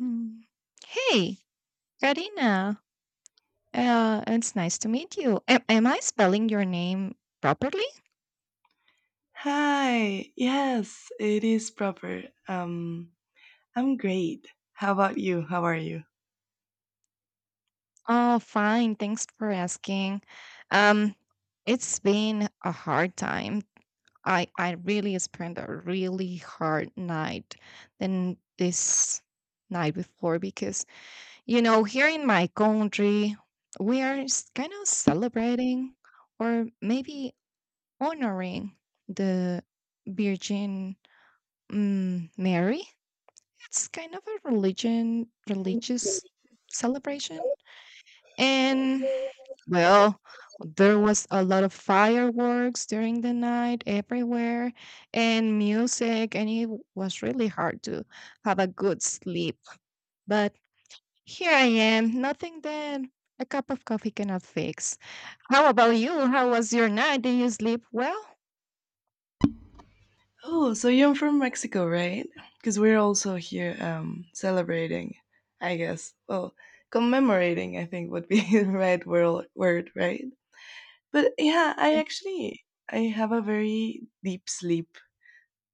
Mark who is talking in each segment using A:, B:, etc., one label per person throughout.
A: Mm. Hey, Karina. It's nice to meet you. Am I spelling your name properly?
B: Hi. Yes, it is proper. I'm great. How about you? How are you?
A: Oh, fine. Thanks for asking. Um, it's been a hard time. I really spent a really hard night than this night before because you know here in my country we are kind of celebrating or maybe honoring the Virgin Mary. It's kind of a religious celebration. And well, there was a lot of fireworks during the night everywhere and music, and it was really hard to have a good sleep. But here I am, nothing that a cup of coffee cannot fix. How about you? How was your night? Did you sleep well?
B: Oh, so you're from Mexico, right? Because we're also here celebrating, I guess. Well, commemorating, I think would be the right word, right? But yeah, I
A: Yes.
B: actually I have a very deep sleep,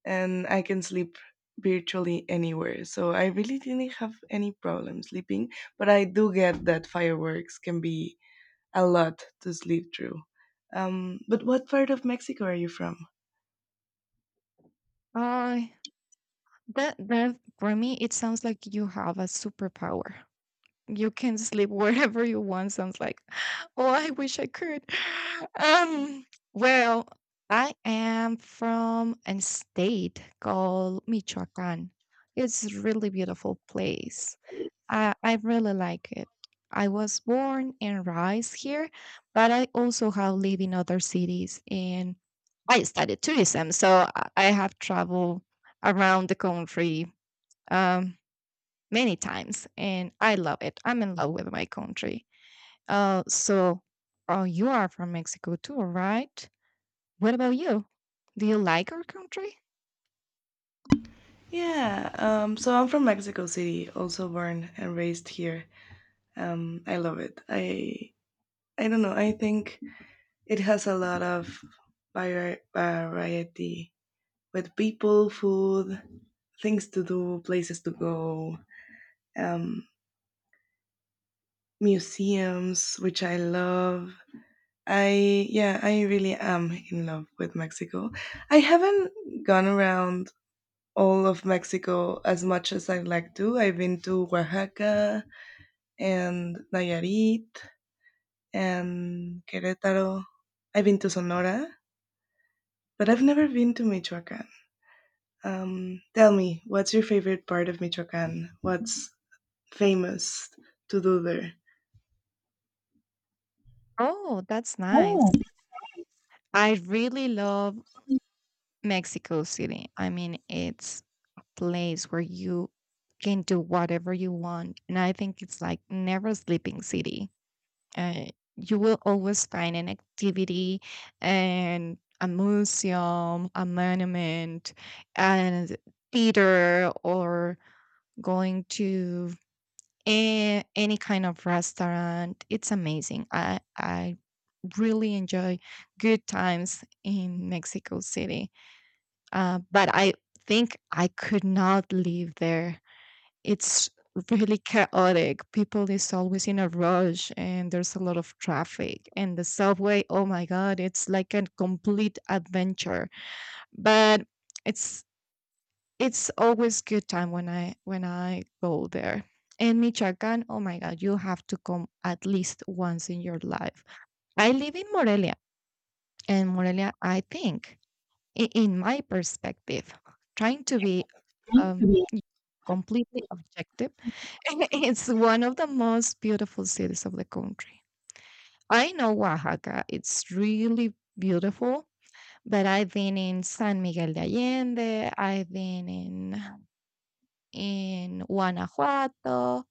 B: and I can sleep virtually anywhere. So I really didn't have any problem sleeping. But I do get that fireworks can be a lot to sleep through. But what part of Mexico are you from?
A: Uh, that for me, it sounds like you have a superpower. You can sleep wherever you want sounds like oh, I wish I could. um well, I am from a state called Michoacan. It's a really beautiful place. I really like it. I was born and raised here, but I also have lived in other cities, and I studied tourism, so I have traveled around the country, um many times, and I love it. I'm in love with my country. Uh, so, oh, you are from Mexico too, right? What about you? Do you like our country?
B: Yeah, so I'm from Mexico City, also born and raised here. I love it. I don't know. I think it has a lot of variety with people, food, things to do, places to go, um, museums, which I love. I yeah, I really am in love with Mexico. I haven't gone around all of Mexico as much as I like to. I've been to Oaxaca and Nayarit and Querétaro. I've been to Sonora, but I've never been to Michoacan. Tell me, what's your favorite part of Michoacan? What's famous to do there?
A: Oh, that's nice.
B: Oh,
A: I really love Mexico City. I mean, it's place where you can do whatever you want. And I think it's like never sleeping city. Uh, you will always find an activity and a museum, a monument, and theater, or going to any kind of restaurant. It's amazing. I really enjoy good times in Mexico City, but I think I could not live there. It's really chaotic. People is always in a rush and there's a lot of traffic. And the subway, oh my God, it's like a complete adventure. But it's it's always good time when I go there. And Michoacán, oh my God, you have to come at least once in your life. I live in Morelia, and Morelia, I think, in my perspective, trying to be
B: thank
A: um,
B: you.
A: completely objective. It's one of the most beautiful cities of the country. I know Oaxaca, it's really beautiful, but I've been in San Miguel de Allende, I've been in Guanajuato,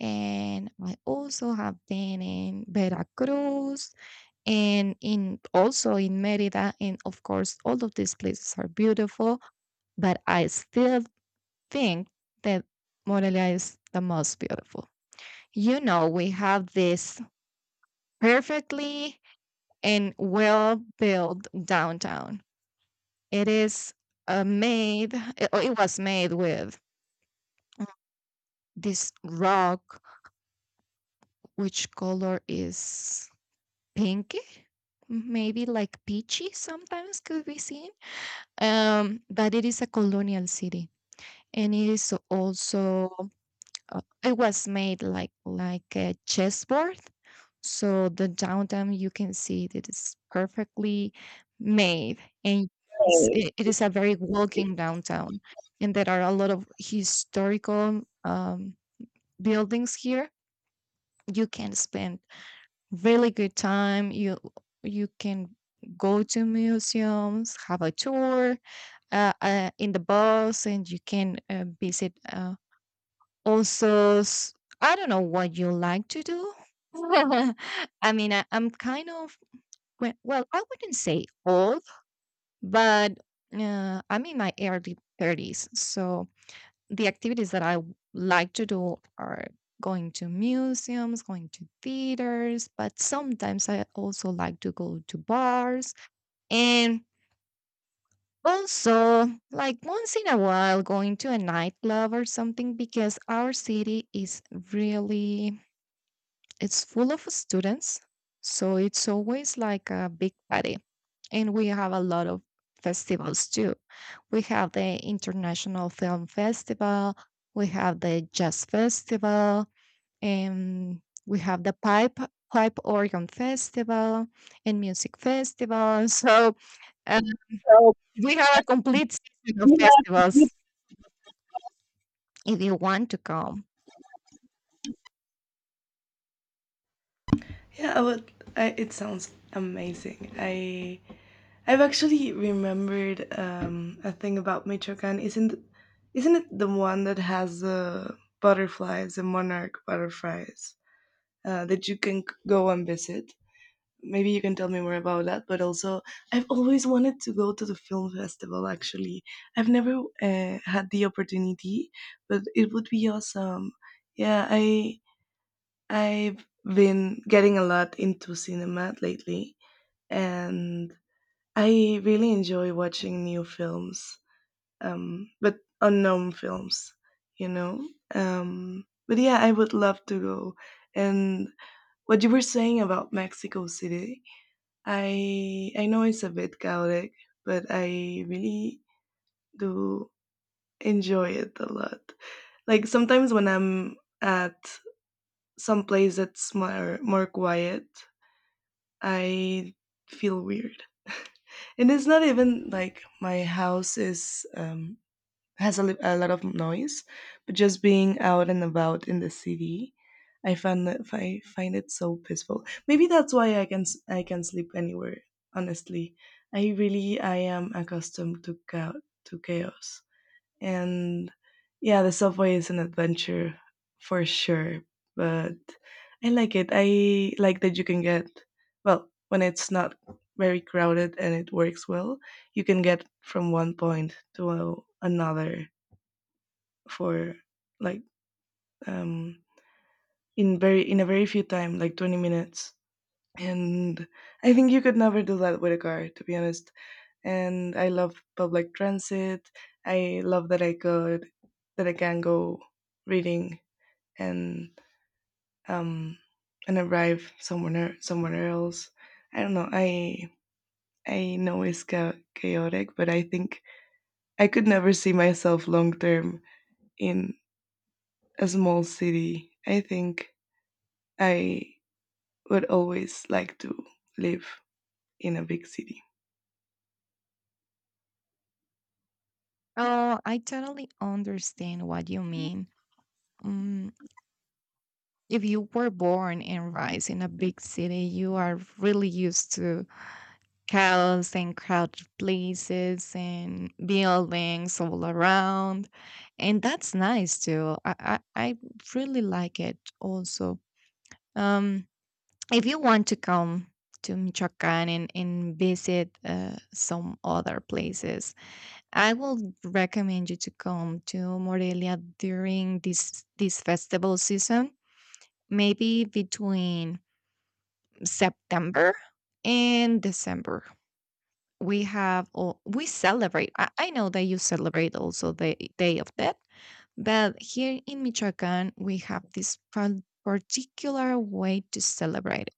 A: and I also have been in Veracruz, and in also in Merida, and of course, all of these places are beautiful, but I still think that Morelia is the most beautiful. You know, we have this perfectly and well built downtown. It is made, oh, it was made with this rock, which color is pinky, maybe like peachy sometimes could be seen. But it is a colonial city, and it is also it was made like a chessboard, so the downtown you can see that it's perfectly made. And it is a very walking downtown, and there are a lot of historical buildings here. You can spend really good time. You can go to museums, have a tour in the bus, and you can visit also, I don't know what you like to do. I mean, I'm kind of, well, I wouldn't say old, but I'm in my early 30s. So the activities that I like to do are going to museums, going to theaters, but sometimes I also like to go to bars, and also like once in a while going to a nightclub or something, because our city is really. It's full of students, so it's always like a big party. And we have a lot of festivals too. We have the International Film Festival, we have the Jazz Festival, and we have the Pipe Organ Festival and Music Festival. So uh, we have a complete season of festivals if you want to come.
B: Yeah, it sounds amazing. I've actually remembered a thing about Michoacan. Isn't it the one that has the butterflies, the monarch butterflies that you can go and visit? Maybe you can tell me more about that. But also, I've always wanted to go to the film festival. Actually, I've never had the opportunity, but it would be awesome. Yeah, I've been getting a lot into cinema lately, and I really enjoy watching new films, but unknown films, you know. But yeah, I would love to go. And what you were saying about Mexico City, I know it's a bit chaotic, but I really do enjoy it a lot. Like sometimes when I'm at some place that's more quiet, I feel weird. And it's not even like my house is. Has a lot of noise, but just being out and about in the city, I find it so peaceful. Maybe that's why I can sleep anywhere. Honestly, I am accustomed to chaos, to chaos, and yeah, the subway is an adventure for sure. But I like it. I like that you can get, well, when it's not very crowded and it works well. You can get from one point to another for like um in a very few time like 20 minutes, and I think you could never do that with a car, to be honest. And I love public transit. I love that I can go reading, and um and arrive somewhere else. I don't know. I know it's chaotic, but I think I could never see myself long term in a small city. I think I would always like to live in a big city.
A: Oh, I totally understand what you mean. Um, if you were born and raised in a big city, you are really used to chaos and crowded places and buildings all around. And that's nice too. I really like it also. Um, if you want to come to Michoacan, and visit some other places, I will recommend you to come to Morelia during this festival season, maybe between September and December. We have all, we celebrate. I know that you celebrate also the Day of Death, but here in Michoacan we have this particular way to celebrate,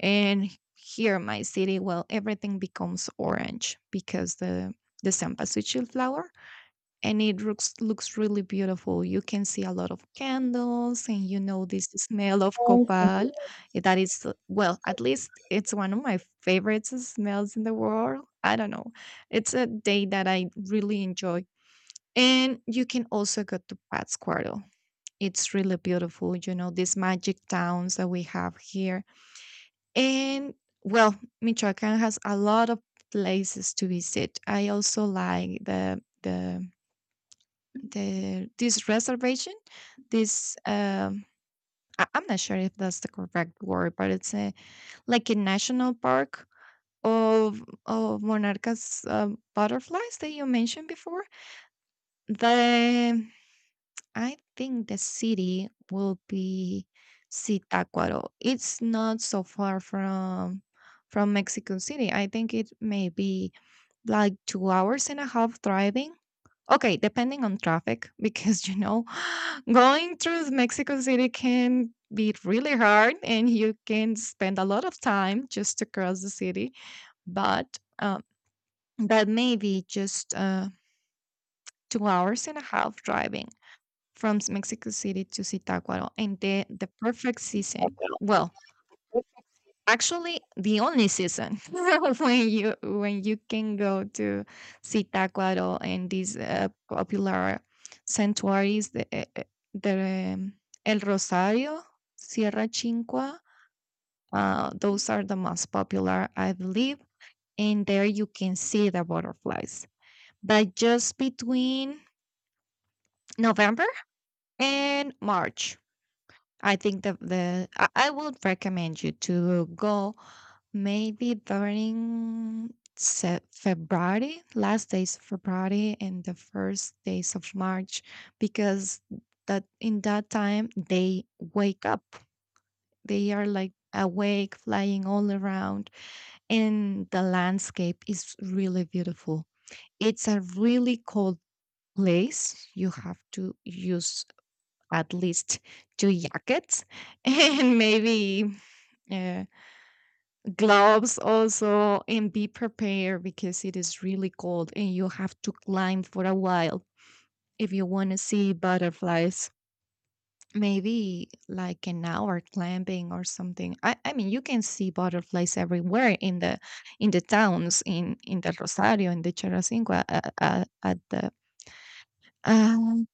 A: and here my city, well, everything becomes orange because the cempasúchil flower, and it looks really beautiful. You can see a lot of candles, and you know this smell of
B: Um,
A: copal, that is, well, at least it's one of my favorite smells in the world. I don't know, it's a day that I really enjoy. And you can also go to Pátzcuaro. It's really beautiful, you know, these magic towns that we have here. And well, Michoacan has a lot of places to visit. I also like the this reservation, this I'm not sure if that's the correct word, but it's a like a national park of monarchas, butterflies that you mentioned before. The I think the city will be Zitácuaro. It's not so far from Mexico City. I think it may be like 2 hours and a half driving. Okay, depending on traffic, because you know, going through Mexico City can be really hard, and you can spend a lot of time just to cross the city. But that may be just 2 hours and a half driving from Mexico City to Zitácuaro. And the perfect season, well, actually, the only season when you can go to Zitácuaro and these popular sanctuaries, the El Rosario, Sierra Chinqua. Those are the most popular, I believe, and there you can see the butterflies. But just between November and March, I think that the I would recommend you to go maybe during February, last days of February and the first days of March, because that in that time they wake up. They are like awake, flying all around, and the landscape is really beautiful. It's a really cold place. You have to use at least two jackets and maybe uh, gloves also, and be prepared because it is really cold, and you have to climb for a while if you want to see butterflies, maybe like an hour climbing or something. I mean you can see butterflies everywhere in the towns, in the rosario, in the cheracinqua, um,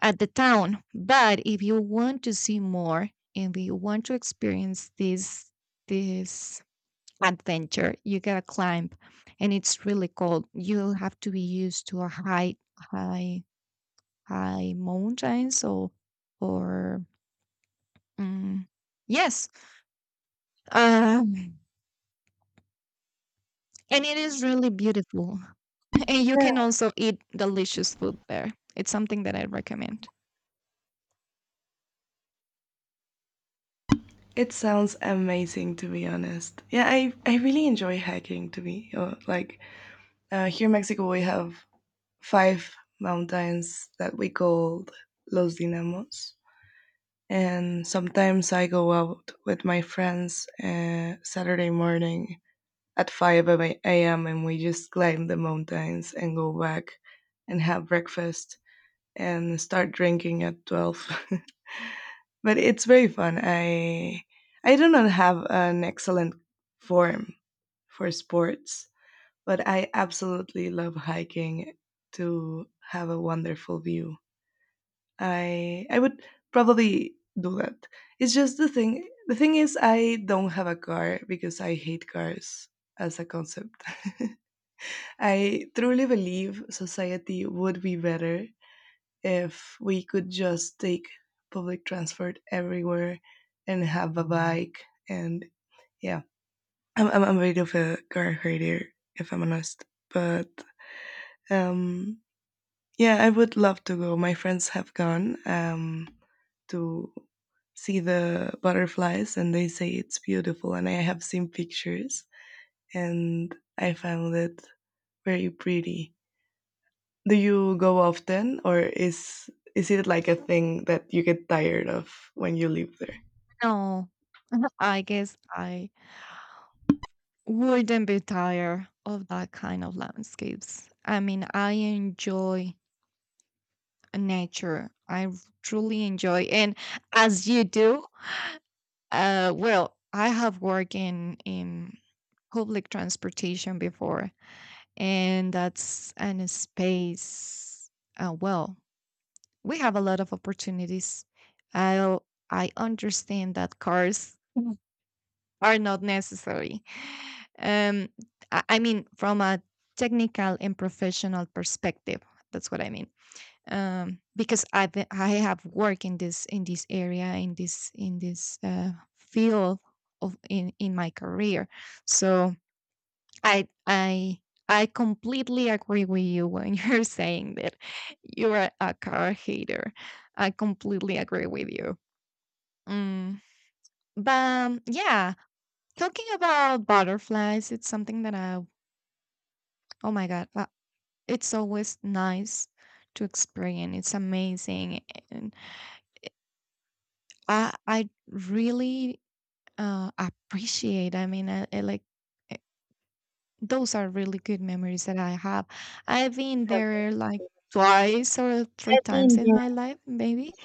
A: at the town. But if you want to see more, and if you want to experience this adventure, you gotta climb, and it's really cold. You'll have to be used to a high, high mountains, or mm yes, um, and it is really beautiful. And you
B: yeah,
A: can also eat delicious food there. It's something that I recommend.
B: it sounds amazing, to be honest. Yeah, I really enjoy hiking, to be like, here in Mexico, we have 5 mountains that we call Los Dinamos. And sometimes I go out with my friends Saturday morning at 5 a.m. and we just climb the mountains and go back and have breakfast and start drinking at 12. But it's very fun. I do not have an excellent form for sports, but I absolutely love hiking to have a wonderful view. I would probably do that. It's just the thing is I don't have a car because I hate cars as a concept. I truly believe society would be better if we could just take public transport everywhere and have a bike, and yeah, I'm a bit of a car herder, if I'm honest. But um yeah, I would love to go. My friends have gone to see the butterflies, and they say it's beautiful, and I have seen pictures, and I found it very pretty. Do you go often, or is it like a thing that you get tired of when you live there?
A: No, I guess I wouldn't be tired of that kind of landscapes. I mean, I enjoy nature. I truly enjoy, and as you do, well, I have worked in public transportation before, and that's an space. Well, we have a lot of opportunities. I I understand that cars are not necessary. Um, I mean, from a technical and professional perspective, that's what I mean. Because I have worked in this area, in this field of in my career, so I I. I completely agree with you when you're saying that you are a car hater. I completely agree with you. Mm. But yeah, talking about butterflies, it's something that oh my God, it's always nice to experience. It's amazing. And I really appreciate, I mean, I like, eh, those are really good memories that I have. I've been there like twice or three times in my life, maybe.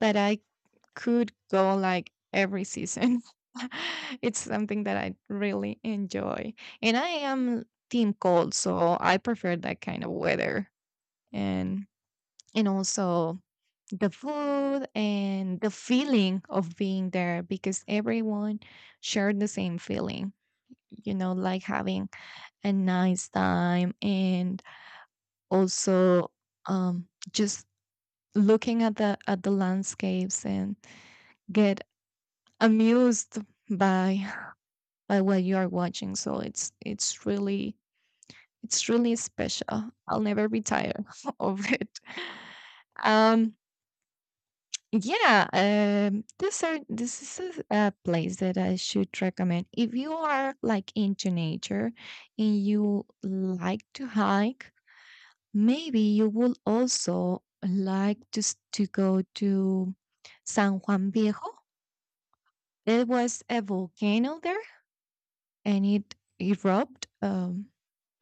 A: That I could go like every season. It's something that I really enjoy. And I am team cold, so I prefer that kind of weather. And also the food and the feeling of being there, because everyone shared the same feeling. You know, like having a nice time, and also just looking at the landscapes, and get amused by what you are watching. So it's really, it's really special. I'll never be tired of it. Um, yeah, this is a place that I should recommend if you are like into nature and you like to hike. Maybe you will also like to to go to San Juan Viejo. There was a volcano there, and it erupted,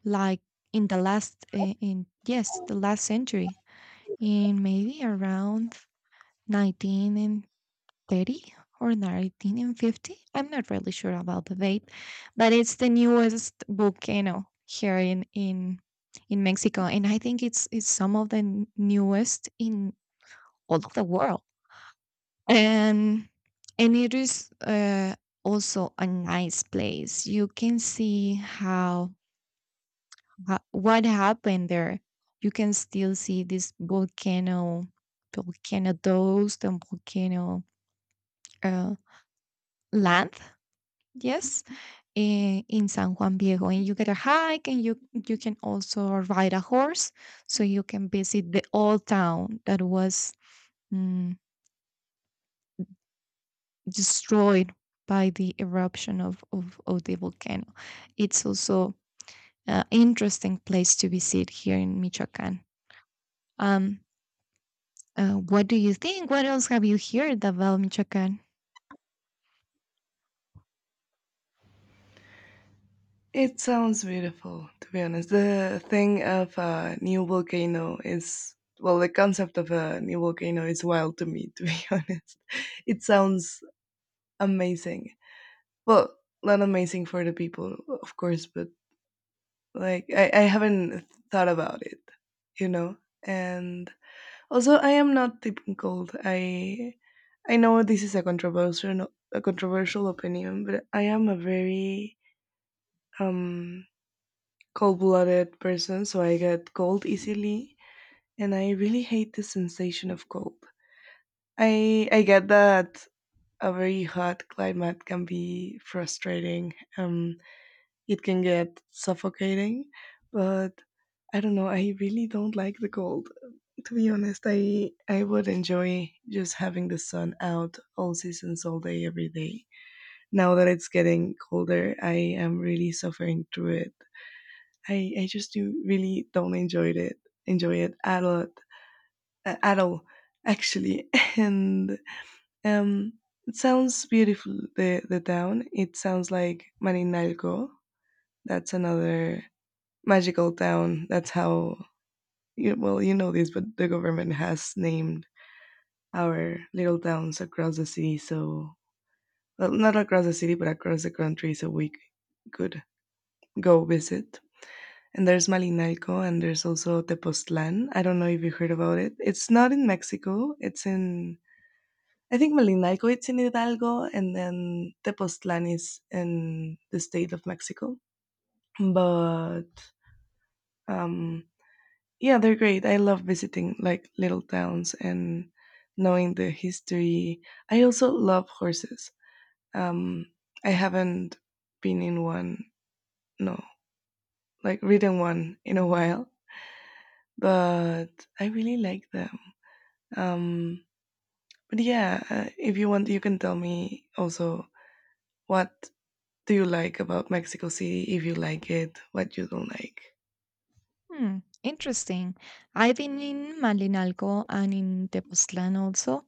A: like, in the last, in yes, the last century, in maybe around 19 and 30 or 19 and 50. I'm not really sure about the date, but it's the newest volcano here in Mexico, and I think it's some of the newest in all of the world. And and it is, also a nice place. You can see what happened there. You can still see this volcano, volcano dust, and volcano uh, land. Yes, in San Juan Viejo, and you get a hike, and you can also ride a horse, so you can visit the old town that was, mm, destroyed by the eruption of the volcano. It's also an interesting place to visit here in Michoacan. Um, what do you think? What else have you heard about Michoacán?
B: It sounds beautiful, to be honest. The thing of a new volcano is, well, the concept of a new volcano is wild to me, to be honest. It sounds amazing. Well, not amazing for the people, of course, but like I haven't thought about it, you know? And also, I am not typical. I know this is a controversial opinion, but I am a very um cold blooded person, so I get cold easily, and I really hate the sensation of cold. I get that a very hot climate can be frustrating. It can get suffocating, but I don't know. I really don't like the cold. To be honest, I would enjoy just having the sun out all seasons, all day, every day. Now that it's getting colder, I am really suffering through it. I just do really don't enjoy it at all, actually. And um, it sounds beautiful. The town. It sounds like Maninalco. That's another magical town. That's how well, you know this, but the government has named our little towns across the city. So, well, not across the city, but across the country, so we could go visit. And there's Malinalco, and there's also Tepoztlan. I don't know if you heard about it. It's not in Mexico. It's in, I think Malinalco, it's in Hidalgo, and then Tepoztlan is in the state of Mexico. But um, yeah, they're great. I love visiting like little towns and knowing the history. I also love horses. Um, I haven't been in one, no, like written one in a while, but I really like them. Um, but yeah, if you want, you can tell me also what do you like about Mexico City, if you like it, what you don't like.
A: Hmm, interesting. I've been in Malinalco and in Tepoztlán also.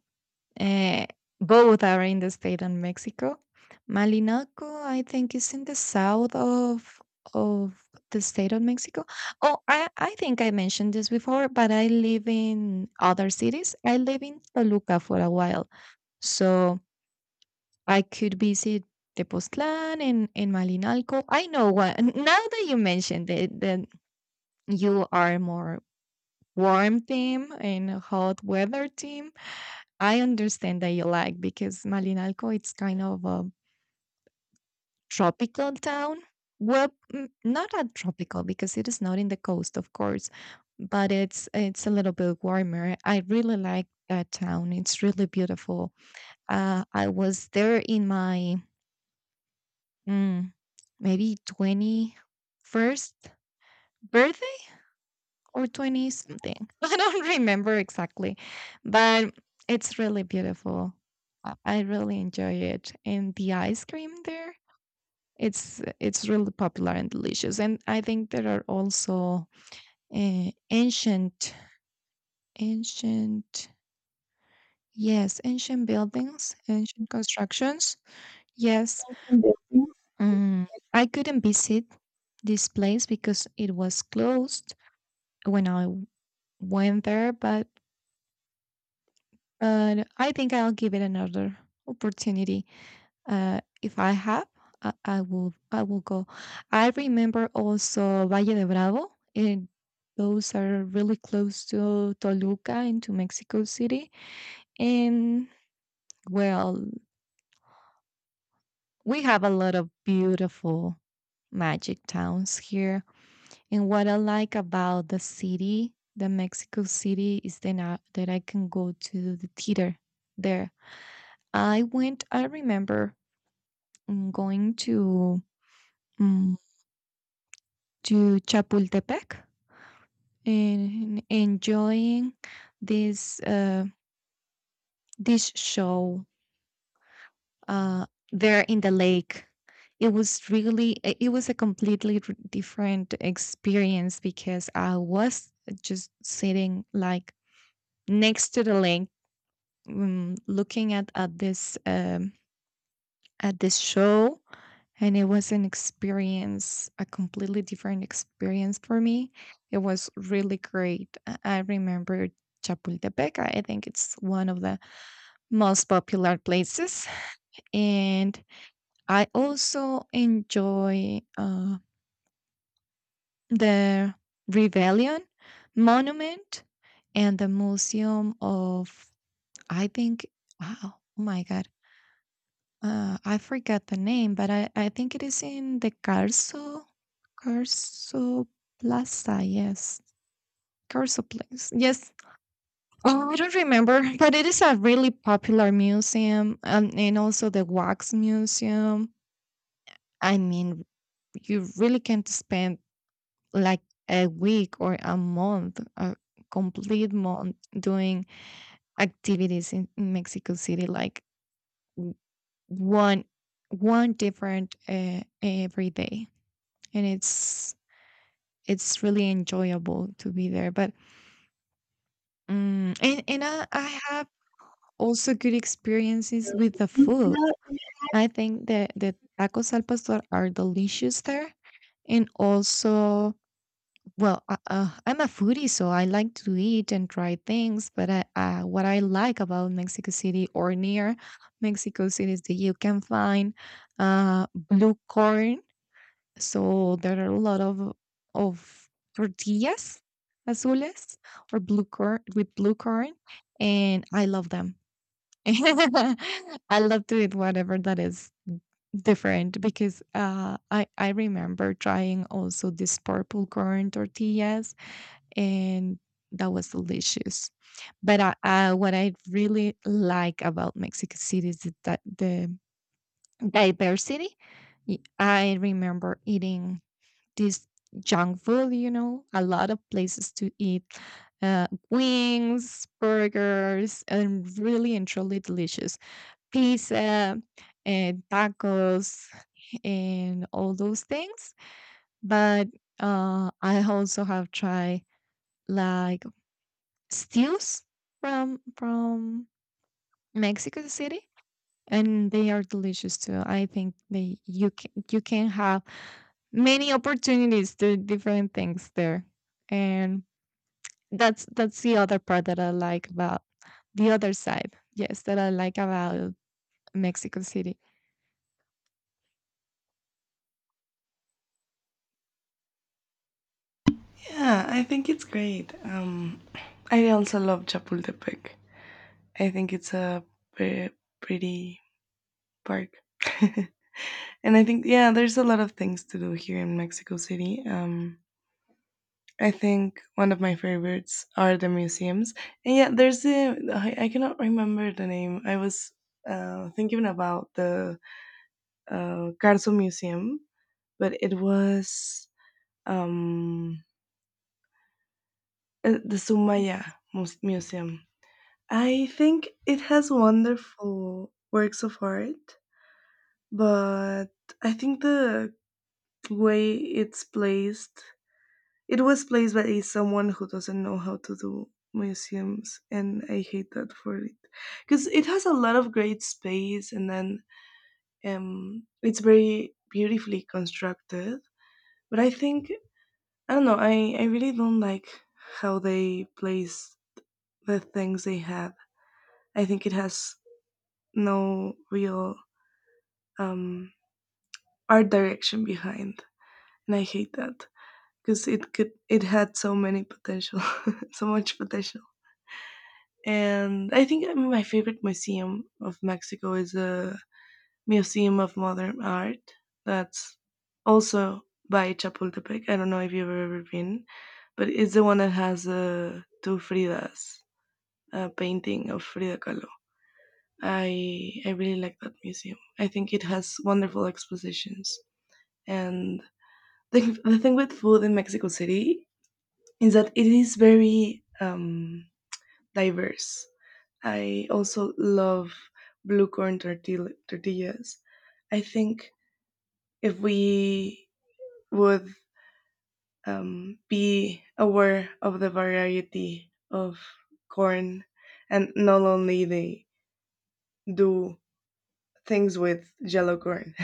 A: Uh, Both are in the state of Mexico. Malinalco, I think, is in the south of the state of Mexico. Oh, I think I mentioned this before, but I live in other cities. I live in Toluca for a while. So I could visit Tepoztlán and Malinalco. I know what. Now that you mentioned it, that you are more warm team and hot weather team, I understand that you like, because Malinalco, it's kind of a tropical town. Well, not a tropical because it is not in the coast, of course, but it's a little bit warmer. I really like that town. It's really beautiful. I was there in my, mm, maybe 21st birthday, or 20 something. I don't remember exactly, but it's really beautiful. I really enjoy it. And the ice cream there, it's really popular and delicious. And I think there are also, uh, ancient ancient, yes, ancient buildings, ancient constructions. Yes. Mm, I couldn't visit this place because it was closed when I went there, but I think I'll give it another opportunity. If I have, I will go. I remember also Valle de Bravo, and those are really close to Toluca and to Mexico City. And well, we have a lot of beautiful magic towns here. And what I like about the city, the Mexico City, is then that I can go to the theater there. I went, I remember, going mm, to Chapultepec, and enjoying this uh, this show, uh, there in the lake. It was it was a completely different experience because I was just sitting, like, next to the lake, looking at this show, and it was an experience, a completely different experience for me. It was really great. I remember Chapultepec. I think it's one of the most popular places, and I also enjoy, the Rebellion Monument and the Museum of. I think. Wow. Oh my God. I forgot the name, but I think it is in the Carso Plaza. Yes, Carso Place. Yes. Oh, I don't remember, but it is a really popular museum, and also the Wax Museum. I mean, you really can't spend, like, a week or a month, a complete month, doing activities in Mexico City, like, w- one one different, every day. And it's really enjoyable to be there. But, and I have also good experiences with the food. I think that the tacos al pastor are delicious there, and also, well, I'm a foodie, so I like to eat and try things. But what I like about Mexico City, or near Mexico City, is that you can find, blue corn. So there are a lot of tortillas azules, or blue corn, with blue corn, and I love them. I love to eat whatever that is different, because, I remember trying also these purple corn tortillas, and that was delicious. But what I really like about Mexico City is that the diversity. I remember eating this junk food, you know, a lot of places to eat, wings, burgers, and really and truly delicious pizza and tacos and all those things. But, I also have tried, like, stews from Mexico City, and they are delicious too. I think they you can have many opportunities to do different things there, and that's the other part that I like about the other side. Yes, that I like about Mexico City.
B: Yeah, I think it's great. I also love Chapultepec. I think it's a pre- pretty park. And I think, yeah, there's a lot of things to do here in Mexico City. I think one of my favorites are the museums. And yeah, I cannot remember the name. I was thinking about the Carso Museum, but it was um, the Sumaya Museum. I think it has wonderful works of art, but I think the way it's placed it was placed by someone who doesn't know how to do museums, and I hate that for it because it has a lot of great space, and then it's very beautifully constructed. But I think I don't know. I really don't like how they place the things they have. I think it has no real um, art direction behind, and I hate that because it had so many potential, so much potential. And I think my favorite museum of Mexico is the Museum of Modern Art. That's also by Chapultepec. I don't know if you've ever been, but it's the one that has two Fridas, a painting of Frida Kahlo. I really like that museum. I think it has wonderful expositions. And the thing with food in Mexico City is that it is very diverse. I also love blue corn tortillas. I think if we would be aware of the variety of corn, and not only they do things with yellow corn,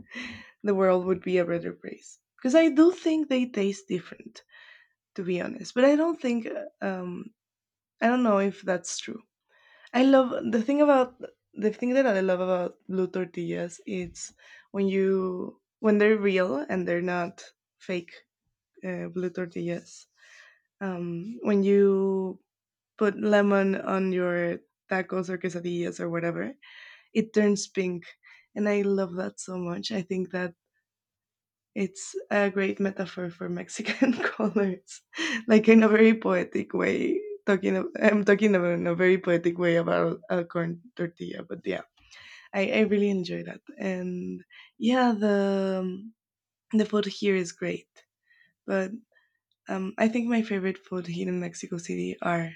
B: the world would be a better place. Because I do think they taste different, to be honest. But I don't think, I don't know if that's true. I love the thing that I love about blue tortillas. It's when they're real and they're not fake blue tortillas. When you put lemon on your tacos or quesadillas or whatever, it turns pink, and I love that so much. I think that it's a great metaphor for Mexican colors, like in a very poetic way. I'm talking about in a very poetic way about a corn tortilla, but yeah, I really enjoy that, and yeah, the food here is great. But I think my favorite food here in Mexico City are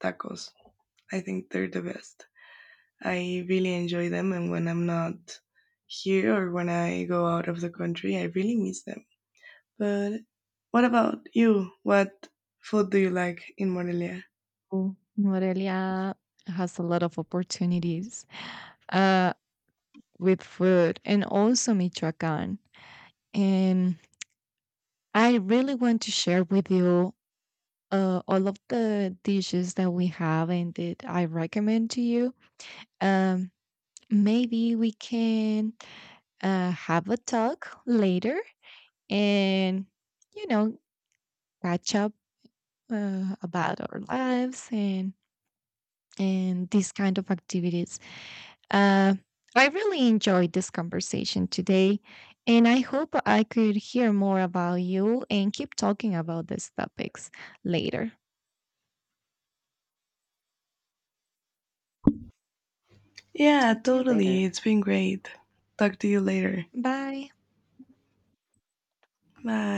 B: tacos. I think they're the best. I really enjoy them, and when I'm not here or when I go out of the country, I really miss them. But what about you? What food do you like in Morelia?
A: Mm. Morelia has a lot of opportunities, uh, with food, and also Michoacan. And I really want to share with you, all of the dishes that we have and that I recommend to you. Um, Maybe we can, have a talk later, and, you know, catch up, about our lives and these kind of activities. Uh, I really enjoyed this conversation today, and I hope I could hear more about you and keep talking about these topics later.
B: Yeah,
A: Talk to you
B: totally.
A: later.
B: It's been great. Talk to you later.
A: Bye.
B: Bye.